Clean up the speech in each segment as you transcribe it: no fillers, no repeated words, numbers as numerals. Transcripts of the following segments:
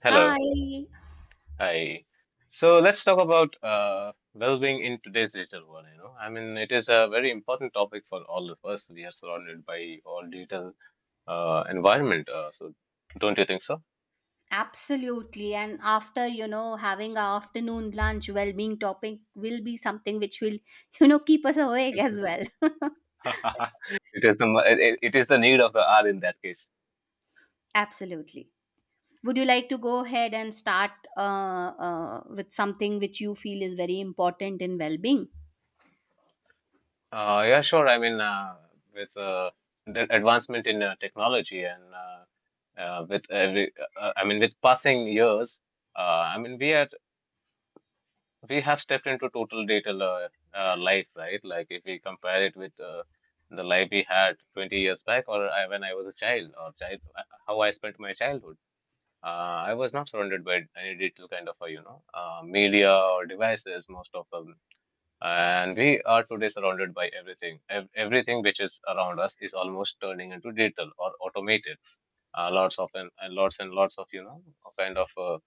Hello. Hi, Hi. So let's talk about well-being in today's digital world. You know, I mean, it is a very important topic for all of us. We are surrounded by all digital environment. So don't you think so? absolutely. And after having our afternoon lunch, well-being topic will be something which will, keep us awake as well. It is the mo- it is the need of the hour in that case. Absolutely. Would you like to go ahead and start uh, with something which you feel is very important in well-being? Yeah, sure. I mean, with the advancement in technology and with I mean, with passing years, uh, I mean, we have stepped into total life, right? Like if we compare it with the life we had 20 years back, or when I was a child, how I spent my childhood. I was not surrounded by any digital kind of, media or devices, most of them. And we are today surrounded by everything. Everything which is around us is almost turning into digital or automated. Lots of and lots and lots of, you know, kind of. Uh,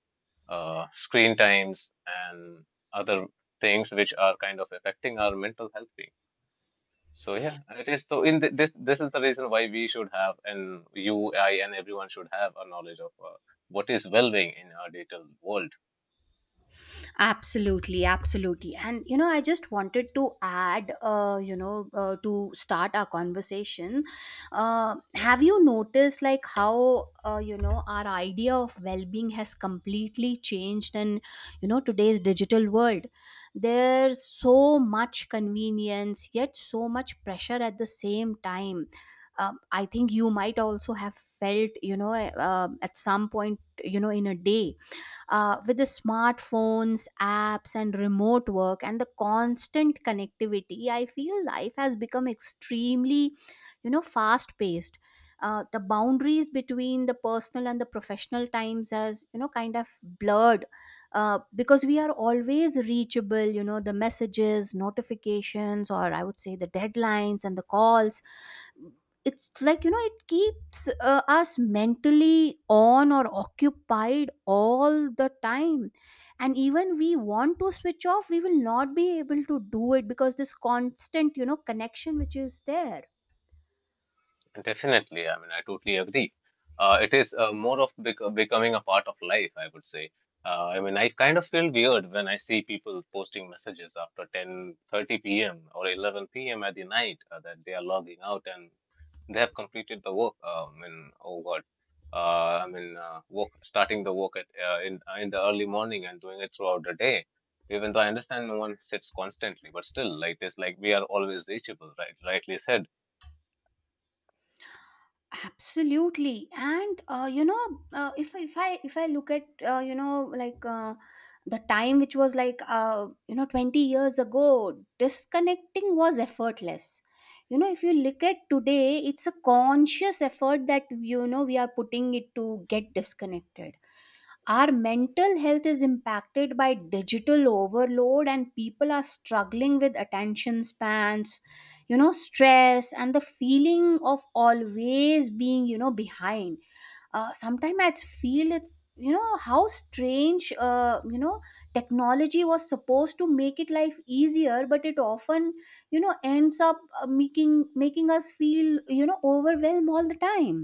uh, Screen times, and other things which are kind of affecting our mental health being. So yeah, it is. So in this is the reason why we should have, and and everyone should have a knowledge of what is well-being in our digital world. Absolutely, absolutely. And I just wanted to add, to start our conversation. Have you noticed like how, our idea of well-being has completely changed in today's digital world? There's so much convenience, yet so much pressure at the same time. I think you might also have felt, at some point, in a day, with the smartphones apps and remote work and the constant connectivity. I feel life has become extremely, fast paced. The boundaries between the personal and the professional times has, kind of blurred, because we are always reachable, the messages notifications, or I would say the deadlines and the calls. It's like, it keeps us mentally on or occupied all the time. And even we want to switch off, we will not be able to do it because this constant, connection which is there. Definitely, I mean, I totally agree. It is more of becoming a part of life, I would say. I mean, I kind of feel weird when I see people posting messages after 10:30 p.m. or 11 p.m. at the night that they are logging out and they have completed the work. I mean, oh God, I mean, work starting the work at in the early morning and doing it throughout the day. Even though I understand no one sits constantly, but still, like it's like we are always reachable, right? Rightly said. Absolutely, and if I look at, like uh, the time which was like, 20 years ago, disconnecting was effortless. If you look at today, it's a conscious effort that, we are putting it to get disconnected. Our mental health is impacted by digital overload and people are struggling with attention spans, stress and the feeling of always being, behind. Sometimes I feel it's, how strange, technology was supposed to make it life easier, but it often, ends up making us feel, overwhelmed all the time.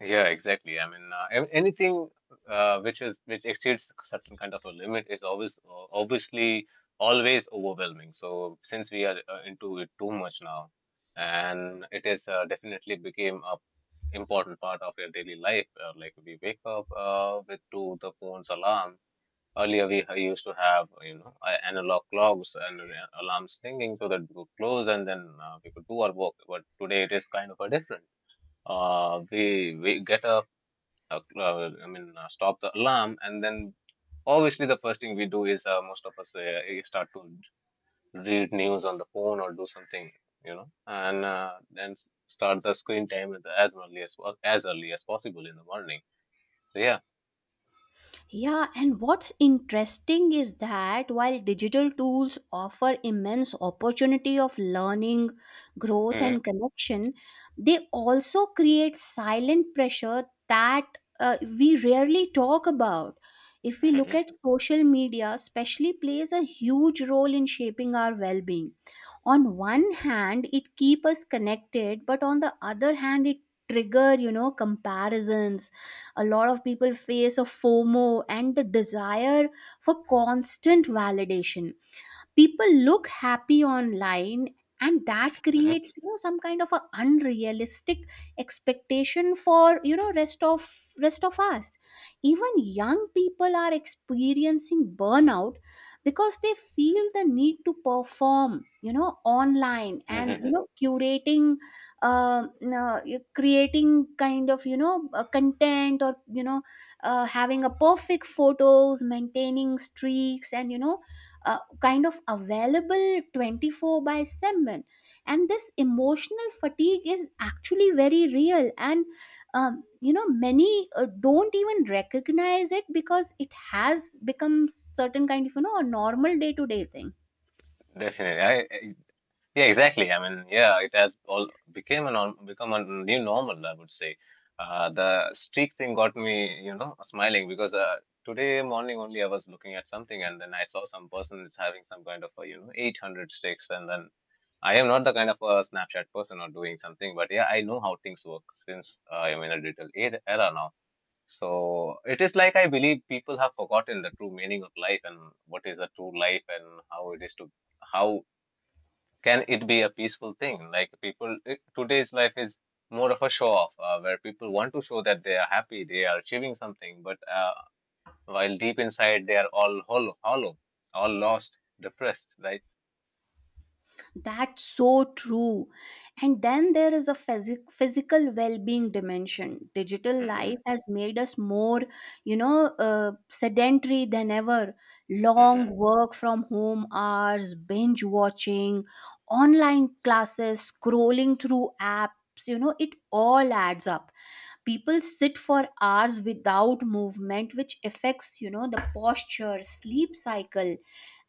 Yeah, exactly. I mean, anything which exceeds a certain kind of a limit is always obviously always overwhelming. So since we are into it too much now, and it is definitely became a important part of your daily life. Like we wake up with to the phone's alarm. Earlier we used to have you know analog clocks and alarms ringing so that we could close and then we could do our work. But today it is kind of a different. We get a stop the alarm, and then obviously the first thing we do is most of us we start to read news on the phone or do something, you know, and then start the screen time at as early as possible in the morning. So yeah. Yeah, and what's interesting is that while digital tools offer immense opportunity of learning, growth Hmm. and connection, they also create silent pressure that, we rarely talk about. If we look Hmm. at social media, especially plays a huge role in shaping our well-being. On one hand it keep us connected, but on the other hand it trigger, comparisons. A lot of people face a FOMO and the desire for constant validation. People look happy online and that Hmm. creates, some kind of a unrealistic expectation for, rest of us. Even young people are experiencing burnout because they feel the need to perform, online, and curating uh, uh, creating kind of, content, or having a perfect photos, maintaining streaks, and kind of available 24 by 7. And this emotional fatigue is actually very real, and you know many don't even recognize it because it has become certain kind of, a normal day to day thing. Definitely. I. Yeah, exactly. I mean, yeah, it has all become a new normal, I would say. The streak thing got me, you know, smiling because today morning only I was looking at something and then I saw some person is having some kind of a, you know, 800 streaks. And then I am not the kind of a Snapchat person or doing something, but yeah, I know how things work since I am in a digital era now. So it is like I believe people have forgotten the true meaning of life and what is the true life and how it is to how can it be a peaceful thing? Like today's life is more of a show off, where people want to show that they are happy, they are achieving something, but while deep inside they are all hollow, all lost, depressed, right? That's so true. And then there is a physical well-being dimension. Digital Hmm. life has made us more, sedentary than ever. Long Hmm. work from home hours, binge watching, online classes, scrolling through apps, it all adds up. People sit for hours without movement, which affects, the posture, sleep cycle,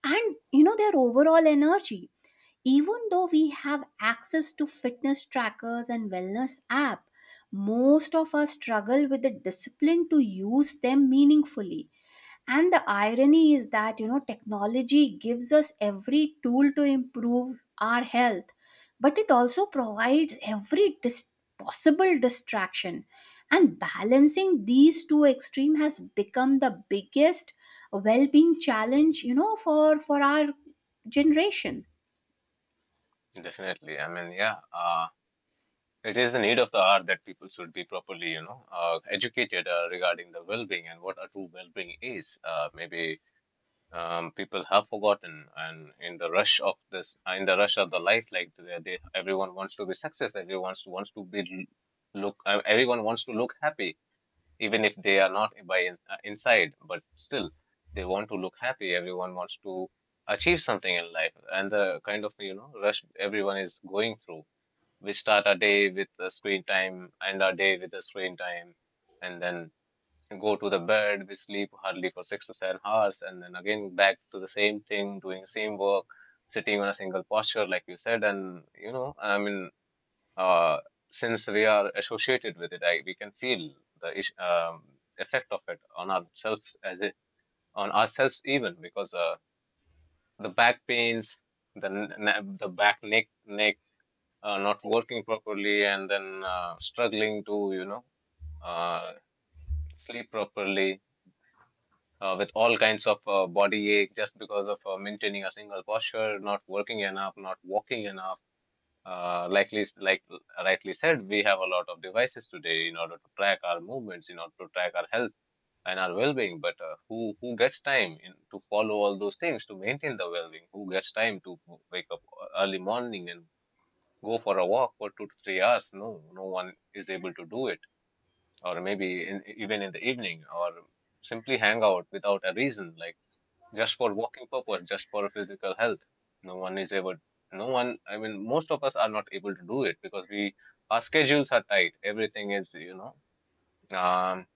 and, their overall energy. Even though we have access to fitness trackers and wellness app, most of us struggle with the discipline to use them meaningfully. And the irony is that technology gives us every tool to improve our health, but it also provides every possible distraction. And balancing these two extremes has become the biggest well-being challenge, for our generation. Definitely. I mean, yeah, it is the need of the hour that people should be properly, you know, educated regarding the well-being and what a true well-being is. Maybe people have forgotten and in the rush of the life like they everyone wants to be successful, everyone wants to, wants to be look everyone wants to look happy even if they are not inside, but still they want to look happy, everyone wants to achieve something in life and the kind of you know rush everyone is going through. We start our day with a screen time, end our day with a screen time, and then go to the bed, we sleep hardly for 6 to 7 hours, and then again back to the same thing, doing same work, sitting on a single posture, like you said. And you know, I mean, uh, since we are associated with it, we can feel the effect of it on ourselves even because the back pains, the n- n- the back neck neck not working properly, and then struggling to you know uh, sleep properly with all kinds of body ache just because of maintaining a single posture, not working enough, not walking enough. Like rightly said, we have a lot of devices today in order to track our movements, in order to track our health and our well-being. But who gets time to follow all those things to maintain the well-being? Who gets time to wake up early morning and go for a walk for 2 to 3 hours? No, no one is able to do it. Or maybe even in the evening, or simply hang out without a reason. Like just for walking purpose, just for physical health. No one is able, no one, I mean, most of us are not able to do it because our schedules are tight. Everything is, you know, um,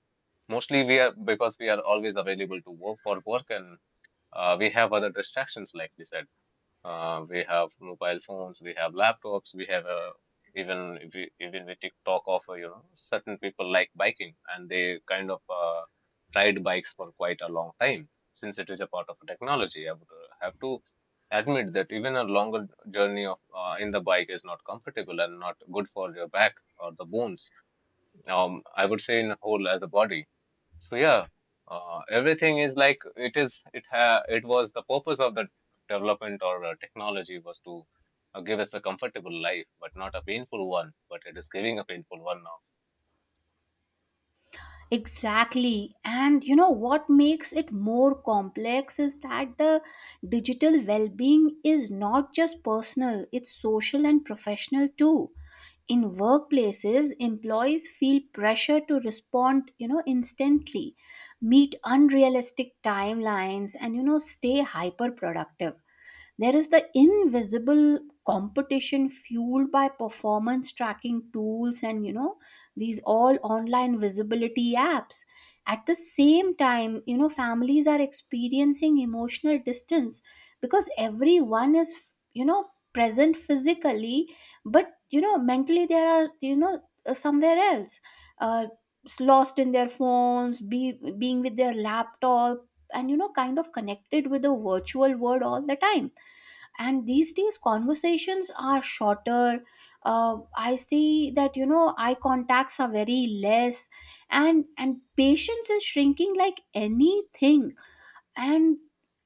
mostly because we are always available to work for work and we have other distractions, like we said. We have mobile phones, we have laptops, we have even if we even we take talk of you know certain people like biking and they kind of ride bikes for quite a long time since it is a part of technology. I would have to admit that even a longer journey of in the bike is not comfortable and not good for your back or the bones, I would say in a whole as a body. So yeah, everything is like it is. It was the purpose of the development or technology was to give us a comfortable life, but not a painful one. But it is giving a painful one now. Exactly. And you know what makes it more complex is that the digital well being is not just personal, it's social and professional too. In workplaces, employees feel pressure to respond, instantly, meet unrealistic timelines, and stay hyper productive. There is the invisible competition fueled by performance tracking tools and, these all online visibility apps. At the same time, families are experiencing emotional distance because everyone is, present physically, but, mentally they are, somewhere else. Uh, Lost in their phones, be being with their laptop, and kind of connected with the virtual world all the time. And these days conversations are shorter. I see that, eye contacts are very less, and patience is shrinking like anything. And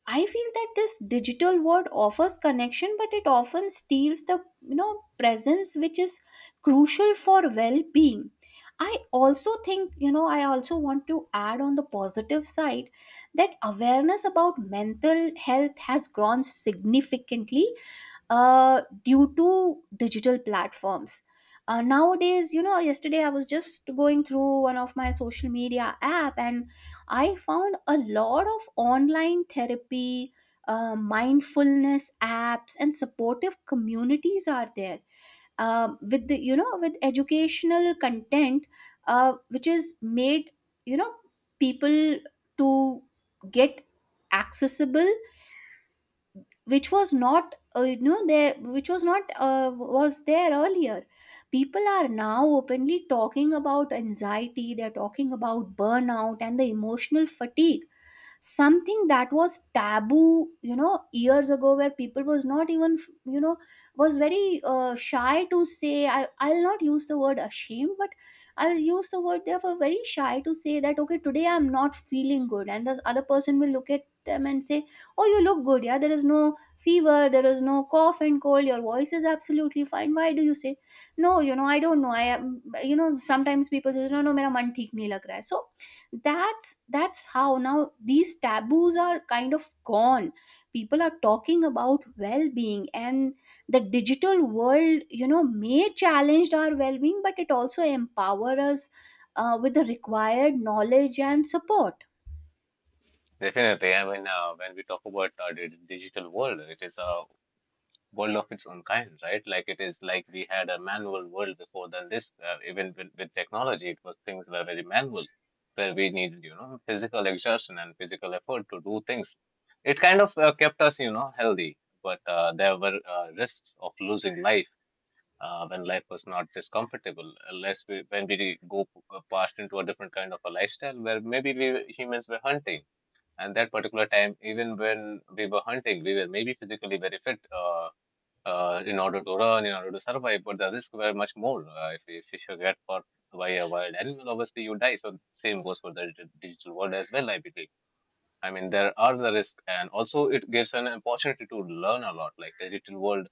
I feel that this digital world offers connection, but it often steals the, presence which is crucial for well-being. I also think, I also want to add on the positive side that awareness about mental health has grown significantly, due to digital platforms. Nowadays, yesterday I was just going through one of my social media app, and I found a lot of online therapy, mindfulness apps, and supportive communities are there, with the, with educational content, which is made, you know people to get accessible, which was not, there, which was not, was there earlier. People are now openly talking about anxiety, they're talking about burnout and the emotional fatigue, something that was taboo, years ago, where people was not even, you know was very shy to say. I, I'll not use the word ashamed, but I'll use the word they were very shy to say that, okay, today I'm not feeling good. And this other person will look at them and say, oh, you look good. Yeah, there is no fever, there is no cough and cold, your voice is absolutely fine, why do you say no? I don't know, I am, sometimes people say no, no, mera man theek nahi lag raha hai. So that's how now these taboos are kind of gone. People are talking about well-being, and the digital world, may challenge our well-being, but it also empower us, with the required knowledge and support. Definitely, I mean, when we talk about the digital world, it is a world of its own kind, right? Like it is like we had a manual world before than this. Even with technology, it was things were very manual, where we needed you know physical exertion and physical effort to do things. It kind of kept us you know healthy, but there were risks of losing life. When life was not this comfortable, unless we, when we go past into a different kind of a lifestyle where maybe we humans were hunting, and that particular time, even when we were hunting, we were maybe physically very fit, in order to run, in order to survive, but the risks were much more. If you get caught by a wild animal, obviously you die. So same goes for the digital world as well, I believe. I mean, there are the risks, and also it gives an opportunity to learn a lot. Like the digital world,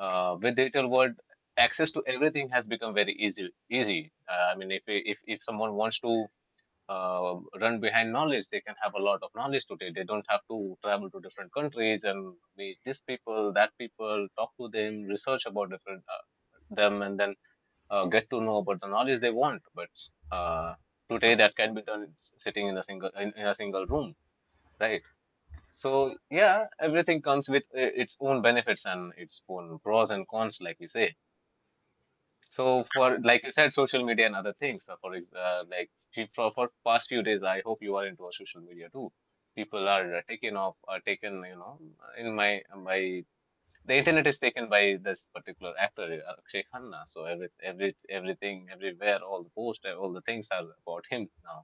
uh, with digital world, access to everything has become very easy. Easy. I mean, if someone wants to run behind knowledge. They can have a lot of knowledge today. They don't have to travel to different countries and meet these people, that people, talk to them, research about different them, and then get to know about the knowledge they want. But uh, today that can be done sitting in a single in a single room, right? So yeah, everything comes with its own benefits and its own pros and cons, like we say. So for like you said, social media and other things. For for past few days, I hope you are into social media too. People are are taken. You know, in my the internet is taken by this particular actor Akshay Khanna. So everything everywhere, all the posts, all the things are about him now.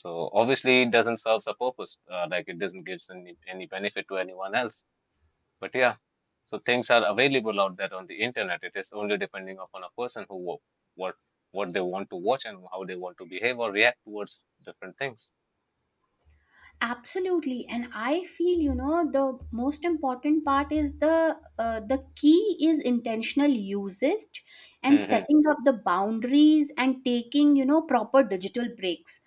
So obviously, it doesn't serve a purpose. Like it doesn't give any benefit to anyone else. But yeah, so things are available out there on the internet. It is only depending upon a person, who wa- what what they want to watch and how they want to behave or react towards different things. Absolutely, and I feel the most important part is the, the key is intentional usage, and Hmm. setting up the boundaries, and taking, proper digital breaks.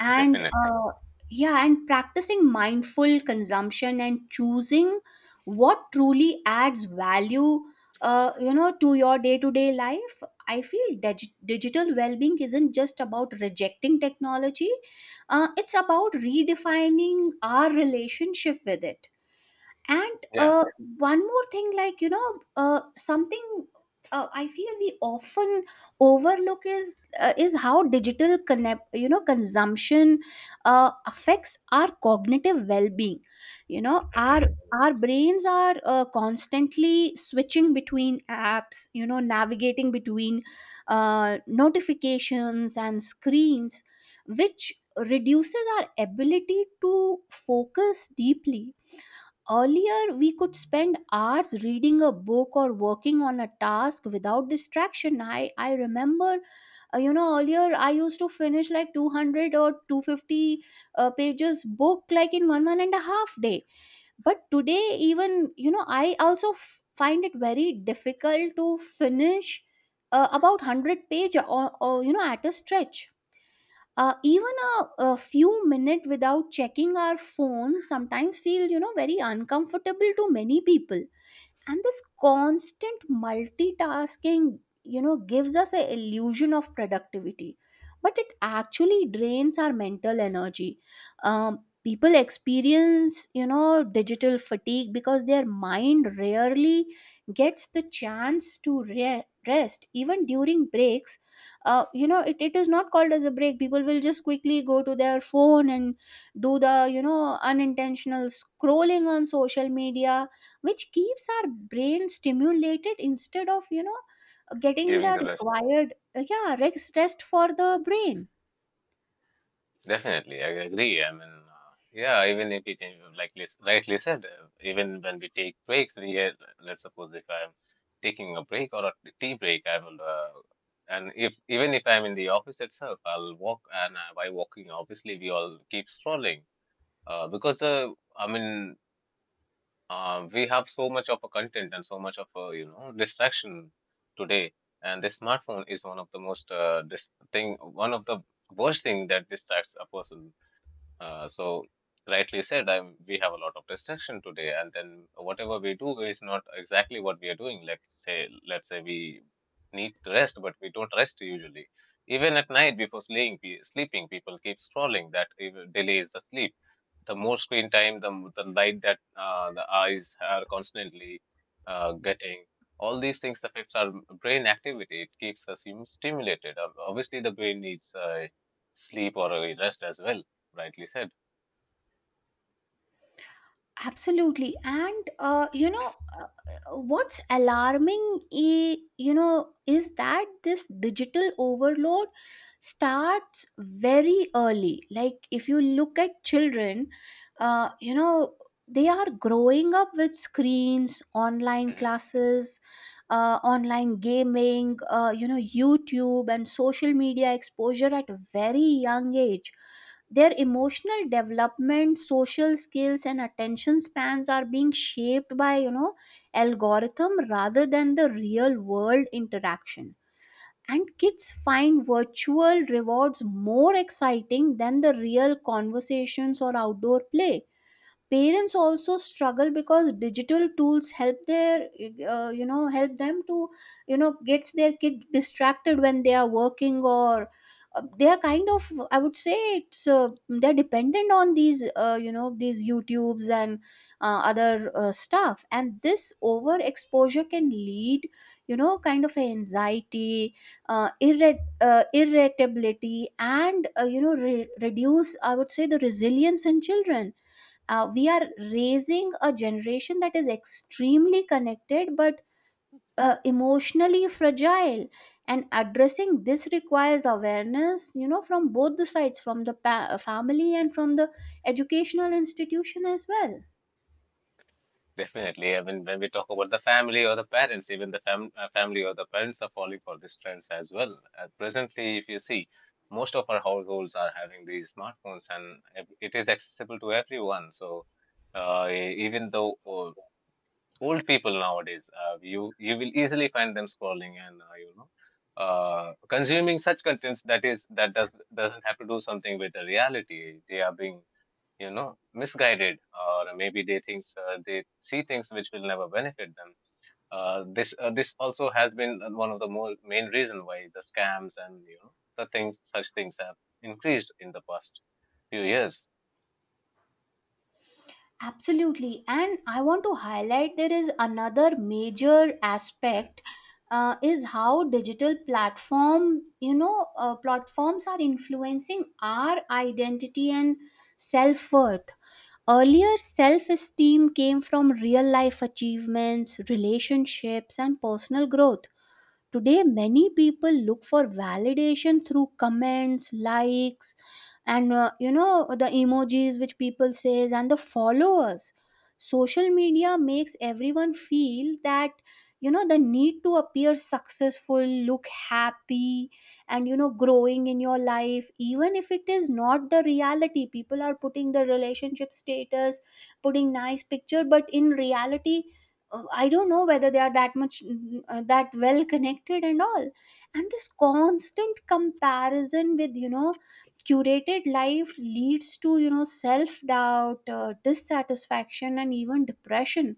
And, Definitely, yeah, and practicing mindful consumption, and choosing what truly adds value, to your day-to-day life. I feel digital well-being isn't just about rejecting technology, it's about redefining our relationship with it. And, yeah. One more thing, like, something, I feel we often overlook is, is how digital connect, consumption, affects our cognitive well-being, you know our Hmm. our brains are, constantly switching between apps, navigating between, notifications and screens, which reduces our ability to focus deeply. Earlier, we could spend hours reading a book or working on a task without distraction. I remember, earlier I used to finish like 200 or 250 pages book like in one, one and a half day. But today, even, I also find it very difficult to finish about 100 page or, at a stretch, even a few minutes without checking our phones sometimes feel, very uncomfortable to many people. And this constant multitasking, gives us a illusion of productivity, but it actually drains our mental energy. People experience, digital fatigue because their mind rarely gets the chance to rest even during breaks. You know it, it is not called as a break. People will just quickly go to their phone and do the, unintentional scrolling on social media, which keeps our brain stimulated instead of, getting Giving the the rest, required, rest, rest for the brain. definitely, I agree. I mean, yeah, even if it rightly said, even when we take breaks, we let's suppose if I'm taking a break or a tea break, I will. And if even if I'm in the office itself, I'll walk, and by walking, obviously, we all keep strolling. Because I mean, we have so much of a content and so much of a, distraction today, and the smartphone is one of the most this thing, one of the worst thing that distracts a person, so rightly said, we have a lot of distraction today, and then whatever we do is not exactly what we are doing. Let's say we need to rest, but we don't rest usually. Even at night before sleeping, sleeping people keep scrolling. That even delays the sleep. The more screen time, the light that the eyes are constantly getting. All these things affects our brain activity. It keeps us stimulated. Obviously, the brain needs sleep or a rest as well, rightly said. Absolutely, and what's alarming, is that this digital overload starts very early. Like if you look at children, uh, you know they are growing up with screens, online Mhm. classes, online gaming, YouTube and social media exposure at a very young age. Their emotional development, social skills, and attention spans are being shaped by, algorithm rather than the real world interaction. And kids find virtual rewards more exciting than the real conversations or outdoor play. Parents also struggle because digital tools help their help them to gets their kid distracted when they are working, or they are kind of, I would say it's they're dependent on these these YouTubes and other stuff, and this overexposure can lead you know kind of anxiety, irritability, and reduce, I would say, the resilience in children. We are raising a generation that is extremely connected but emotionally fragile, and addressing this requires awareness, from both the sides, from the family and from the educational institution as well. Definitely. I mean, when we talk about the family or the parents, even the family or the parents are falling for these trends as well. Presently, if you see, most of our households are having these smartphones and it is accessible to everyone. So, even though old people nowadays, you will easily find them scrolling and consuming such contents that is that does doesn't have to do something with the reality. They are being misguided, or maybe they think they see things which will never benefit them. This also has been one of the more main reason why the scams and the things such things have increased in the past few years. Absolutely. And I want to highlight there is another major Mm. aspect, is how digital platform, platforms are influencing our identity and self-worth. Earlier, self-esteem came from real-life achievements, relationships, and personal growth. Today, many people look for validation through comments, likes, and the emojis which people says, and the followers. Social media makes everyone feel that, the need to appear successful, look happy, and growing in your life, even if it is not the reality. People are putting the relationship status, putting nice picture, but in reality, I don't know whether they are that much that well connected and all. And this constant comparison with, curated life leads to, self doubt, dissatisfaction, and even depression.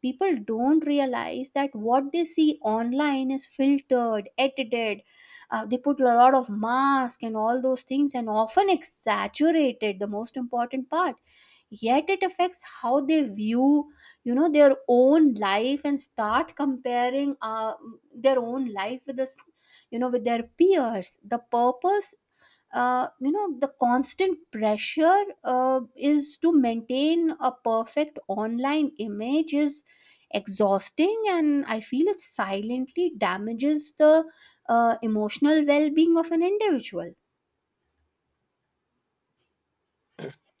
People don't realize that what they see online is filtered, edited. They put a lot of mask and all those things, and often exaggerated. The most important part, yet it affects how they view, their own life, and start comparing their own life with this, with their peers. The purpose, the constant pressure, is to maintain a perfect online image is exhausting, and I feel it silently damages the emotional well-being of an individual.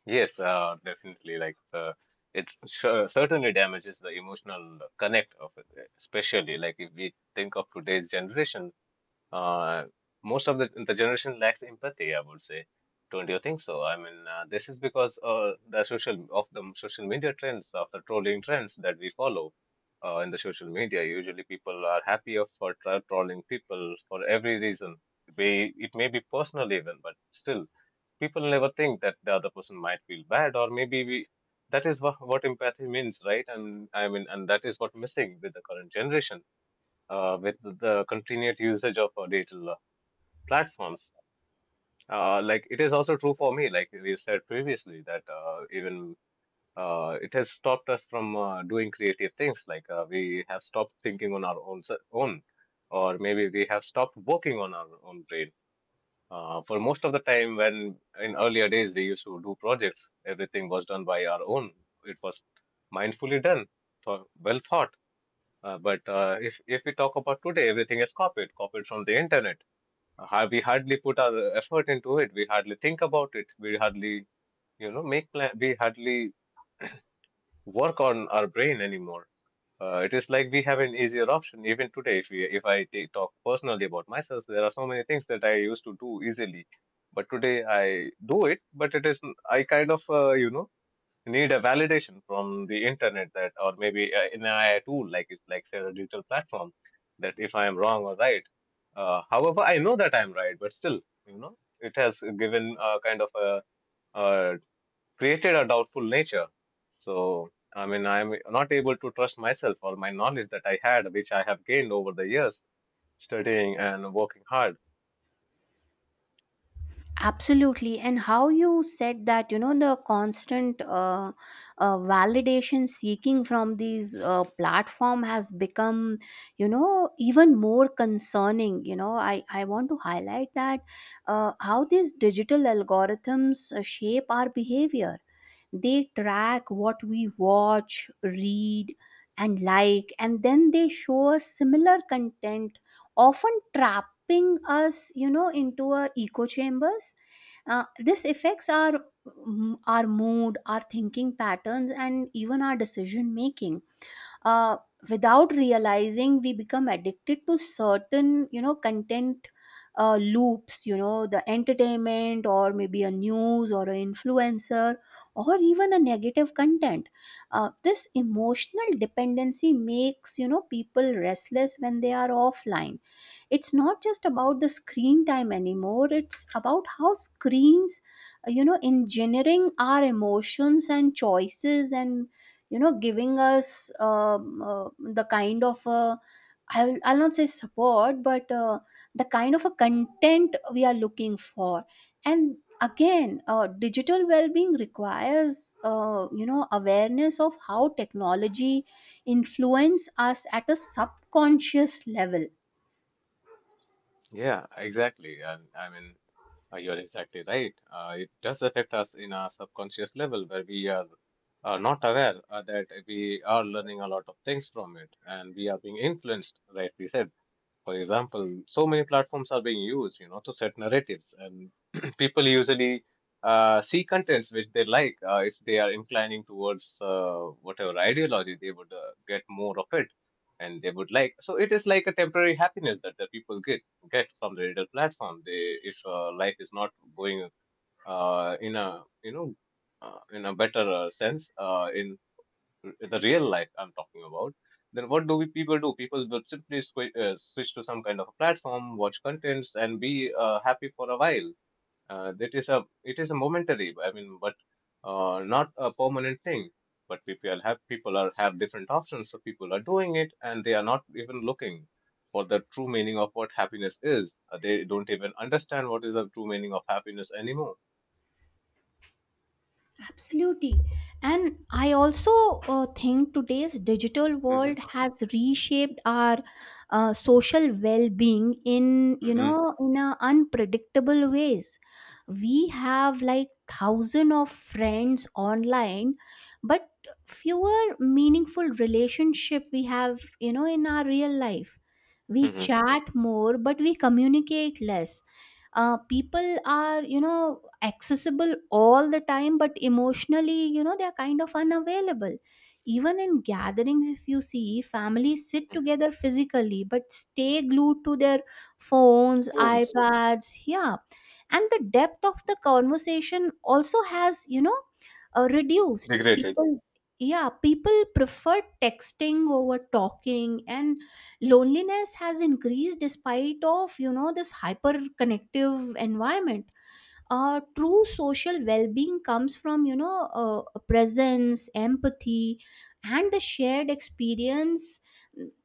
Yes, definitely, like the it sure, certainly damages the emotional connect of it, especially like if we think of today's generation. Uh, Most of the generation lacks empathy, I would say. Don't you think so? I mean, this is because the social media trends, of the trolling trends that we follow in the social media. Usually, people are happier for trolling people for every reason. It may be personal even, but still, people never think that the other person might feel bad, or maybe we. That is what empathy means, right? And I mean, and that is what missing with the current generation with the continued usage of digital platforms. Like it is also true for me, like we said previously, that even it has stopped us from doing creative things. Like we have stopped thinking on our own, or maybe we have stopped working on our own brain. For most of the time, when in earlier days we used to do projects, everything was done by our own. It was mindfully done, well thought but if we talk about today, everything is copied, copied from the internet. We hardly put our effort into it. We hardly think about it. We hardly, make plan. We hardly work on our brain anymore. It is like we have an easier option even today. If I talk personally about myself, there are so many things that I used to do easily, but today I do it. But it is I kind of, need a validation from the internet that, or maybe an AI tool, like it's like say a digital platform, that if I am wrong or right. However, I know that I am right, but still, it has given a kind of a, uh created a doubtful nature. So, I mean, I'm not able to trust myself or my knowledge that I had, which I have gained over the years studying and working hard. Absolutely. And how you said that, the constant validation seeking from these platform has become, even more concerning. I want to highlight that how these digital algorithms shape our behavior. They track what we watch, read, and like, and then they show us similar content, often trapping us, into a echo chambers. This affects our our mood, our thinking patterns, and even our decision making. uh, Without realizing, we become addicted to certain, content loops, the entertainment, or maybe a news, or an influencer, or even a negative content. This emotional dependency makes, people restless when they are offline. It's not just about the screen time anymore, it's about how screens engineering our emotions and choices, and giving us the kind of I'll not say support, but the kind of a content we are looking for. And again, digital well-being requires, awareness of how technology influence us at a subconscious level. Yeah, exactly. And I mean. You are exactly right. It does affect us in a subconscious level where we are not aware that we are learning a lot of things from it and we are being influenced, rightly said. For example, so many platforms are being used, to set narratives, and people usually see contents which they like. If they are inclining towards whatever ideology, they would get more of it, and they would like. So it is like a temporary happiness that the people get from the digital platform. If life is not going uh, in a you know in a better sense, in the real life I'm talking about, then what do we people do? People will simply switch to some kind of a platform, watch contents, and be happy for a while. It is a momentary, I mean, but not a permanent thing. But people have people are have different options, so people are doing it, and they are not even looking for the true meaning of what happiness is. They don't even understand what is the true meaning of happiness anymore. Absolutely. And I also think today's digital Mm-hmm. world has reshaped our social well-being in, Mm-hmm. In a unpredictable ways. We have like thousand of friends online, but fewer meaningful relationship we have, in our real life. We chat more, but we communicate less. People are, accessible all the time, but emotionally, they are kind of unavailable. Even in gatherings, if you see, families sit together physically but stay glued to their phones, Mm-hmm. iPads, yeah. And the depth of the conversation also has, reduced Degraded. people. Yeah, people prefer texting over talking, and loneliness has increased despite of, this hyper connective environment. True social well-being comes from, a presence, empathy, and the shared experience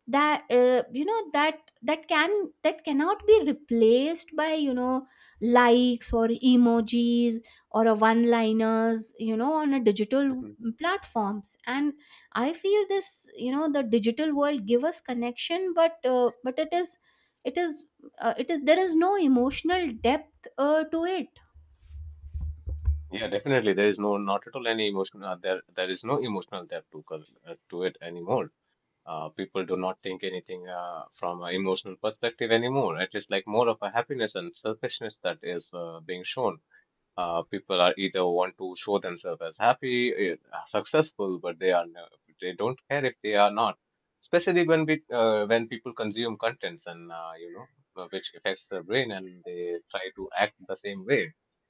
that, that can, that cannot be replaced by, likes or emojis, or a one liners, on a digital platforms. And I feel this, the digital world give us connection, but it is, it is, it is there is no emotional depth to it. Yeah, definitely. There is not at all any emotional. There is no emotional depth to it anymore. People do not think anything from an emotional perspective anymore. It is like more of a happiness and selfishness that is being shown. People are either want to show themselves as happy, successful, but they are no- they don't care if they are not. Especially when people consume contents and which affects their brain and they try to act the same way.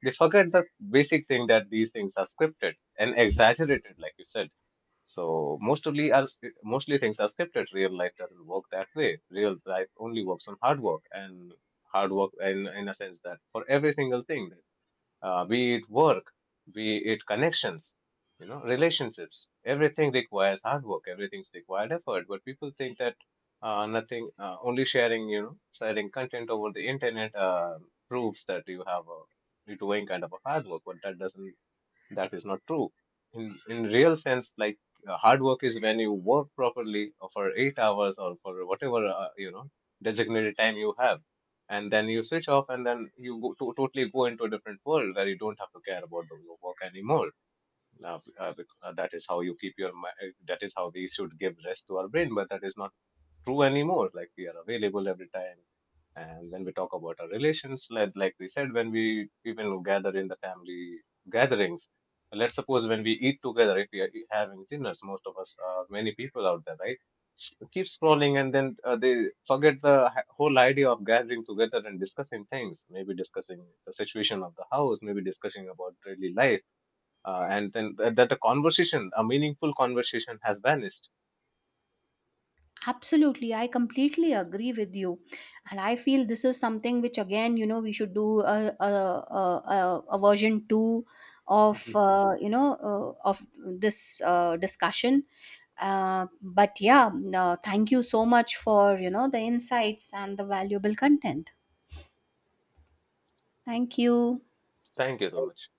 They forget the basic thing that these things are scripted and exaggerated, like you said. So mostly things are scripted. Real life doesn't work that way. Real life only works on hard work and hard work in a sense that for every single thing be it work, be it connections, relationships. Everything requires hard work. Everything's required effort. But people think that nothing, only sharing content over the internet proves that you're doing kind of a hard work. But that is not true in real sense, like hard work is when you work properly for 8 hours or for whatever designated time you have and then you switch off and then you totally go into a different world where you don't have to care about your work anymore. That is how you keep your mi- That is how we should give rest to our brain, but that is not true anymore. Like we are available every time. And when we talk about our relations, like we said, when we even gather in the family gatherings, let's suppose when we eat together, if we are having dinners, most of us are many people out there, right? Keep scrolling and then they forget the whole idea of gathering together and discussing things, maybe discussing the situation of the house, maybe discussing about daily life. And then a meaningful conversation has vanished. Absolutely, I completely agree with you, and I feel this is something which, again, we should do a version two of, of this discussion. But yeah, no, thank you so much for, the insights and the valuable content. Thank you. Thank you so much.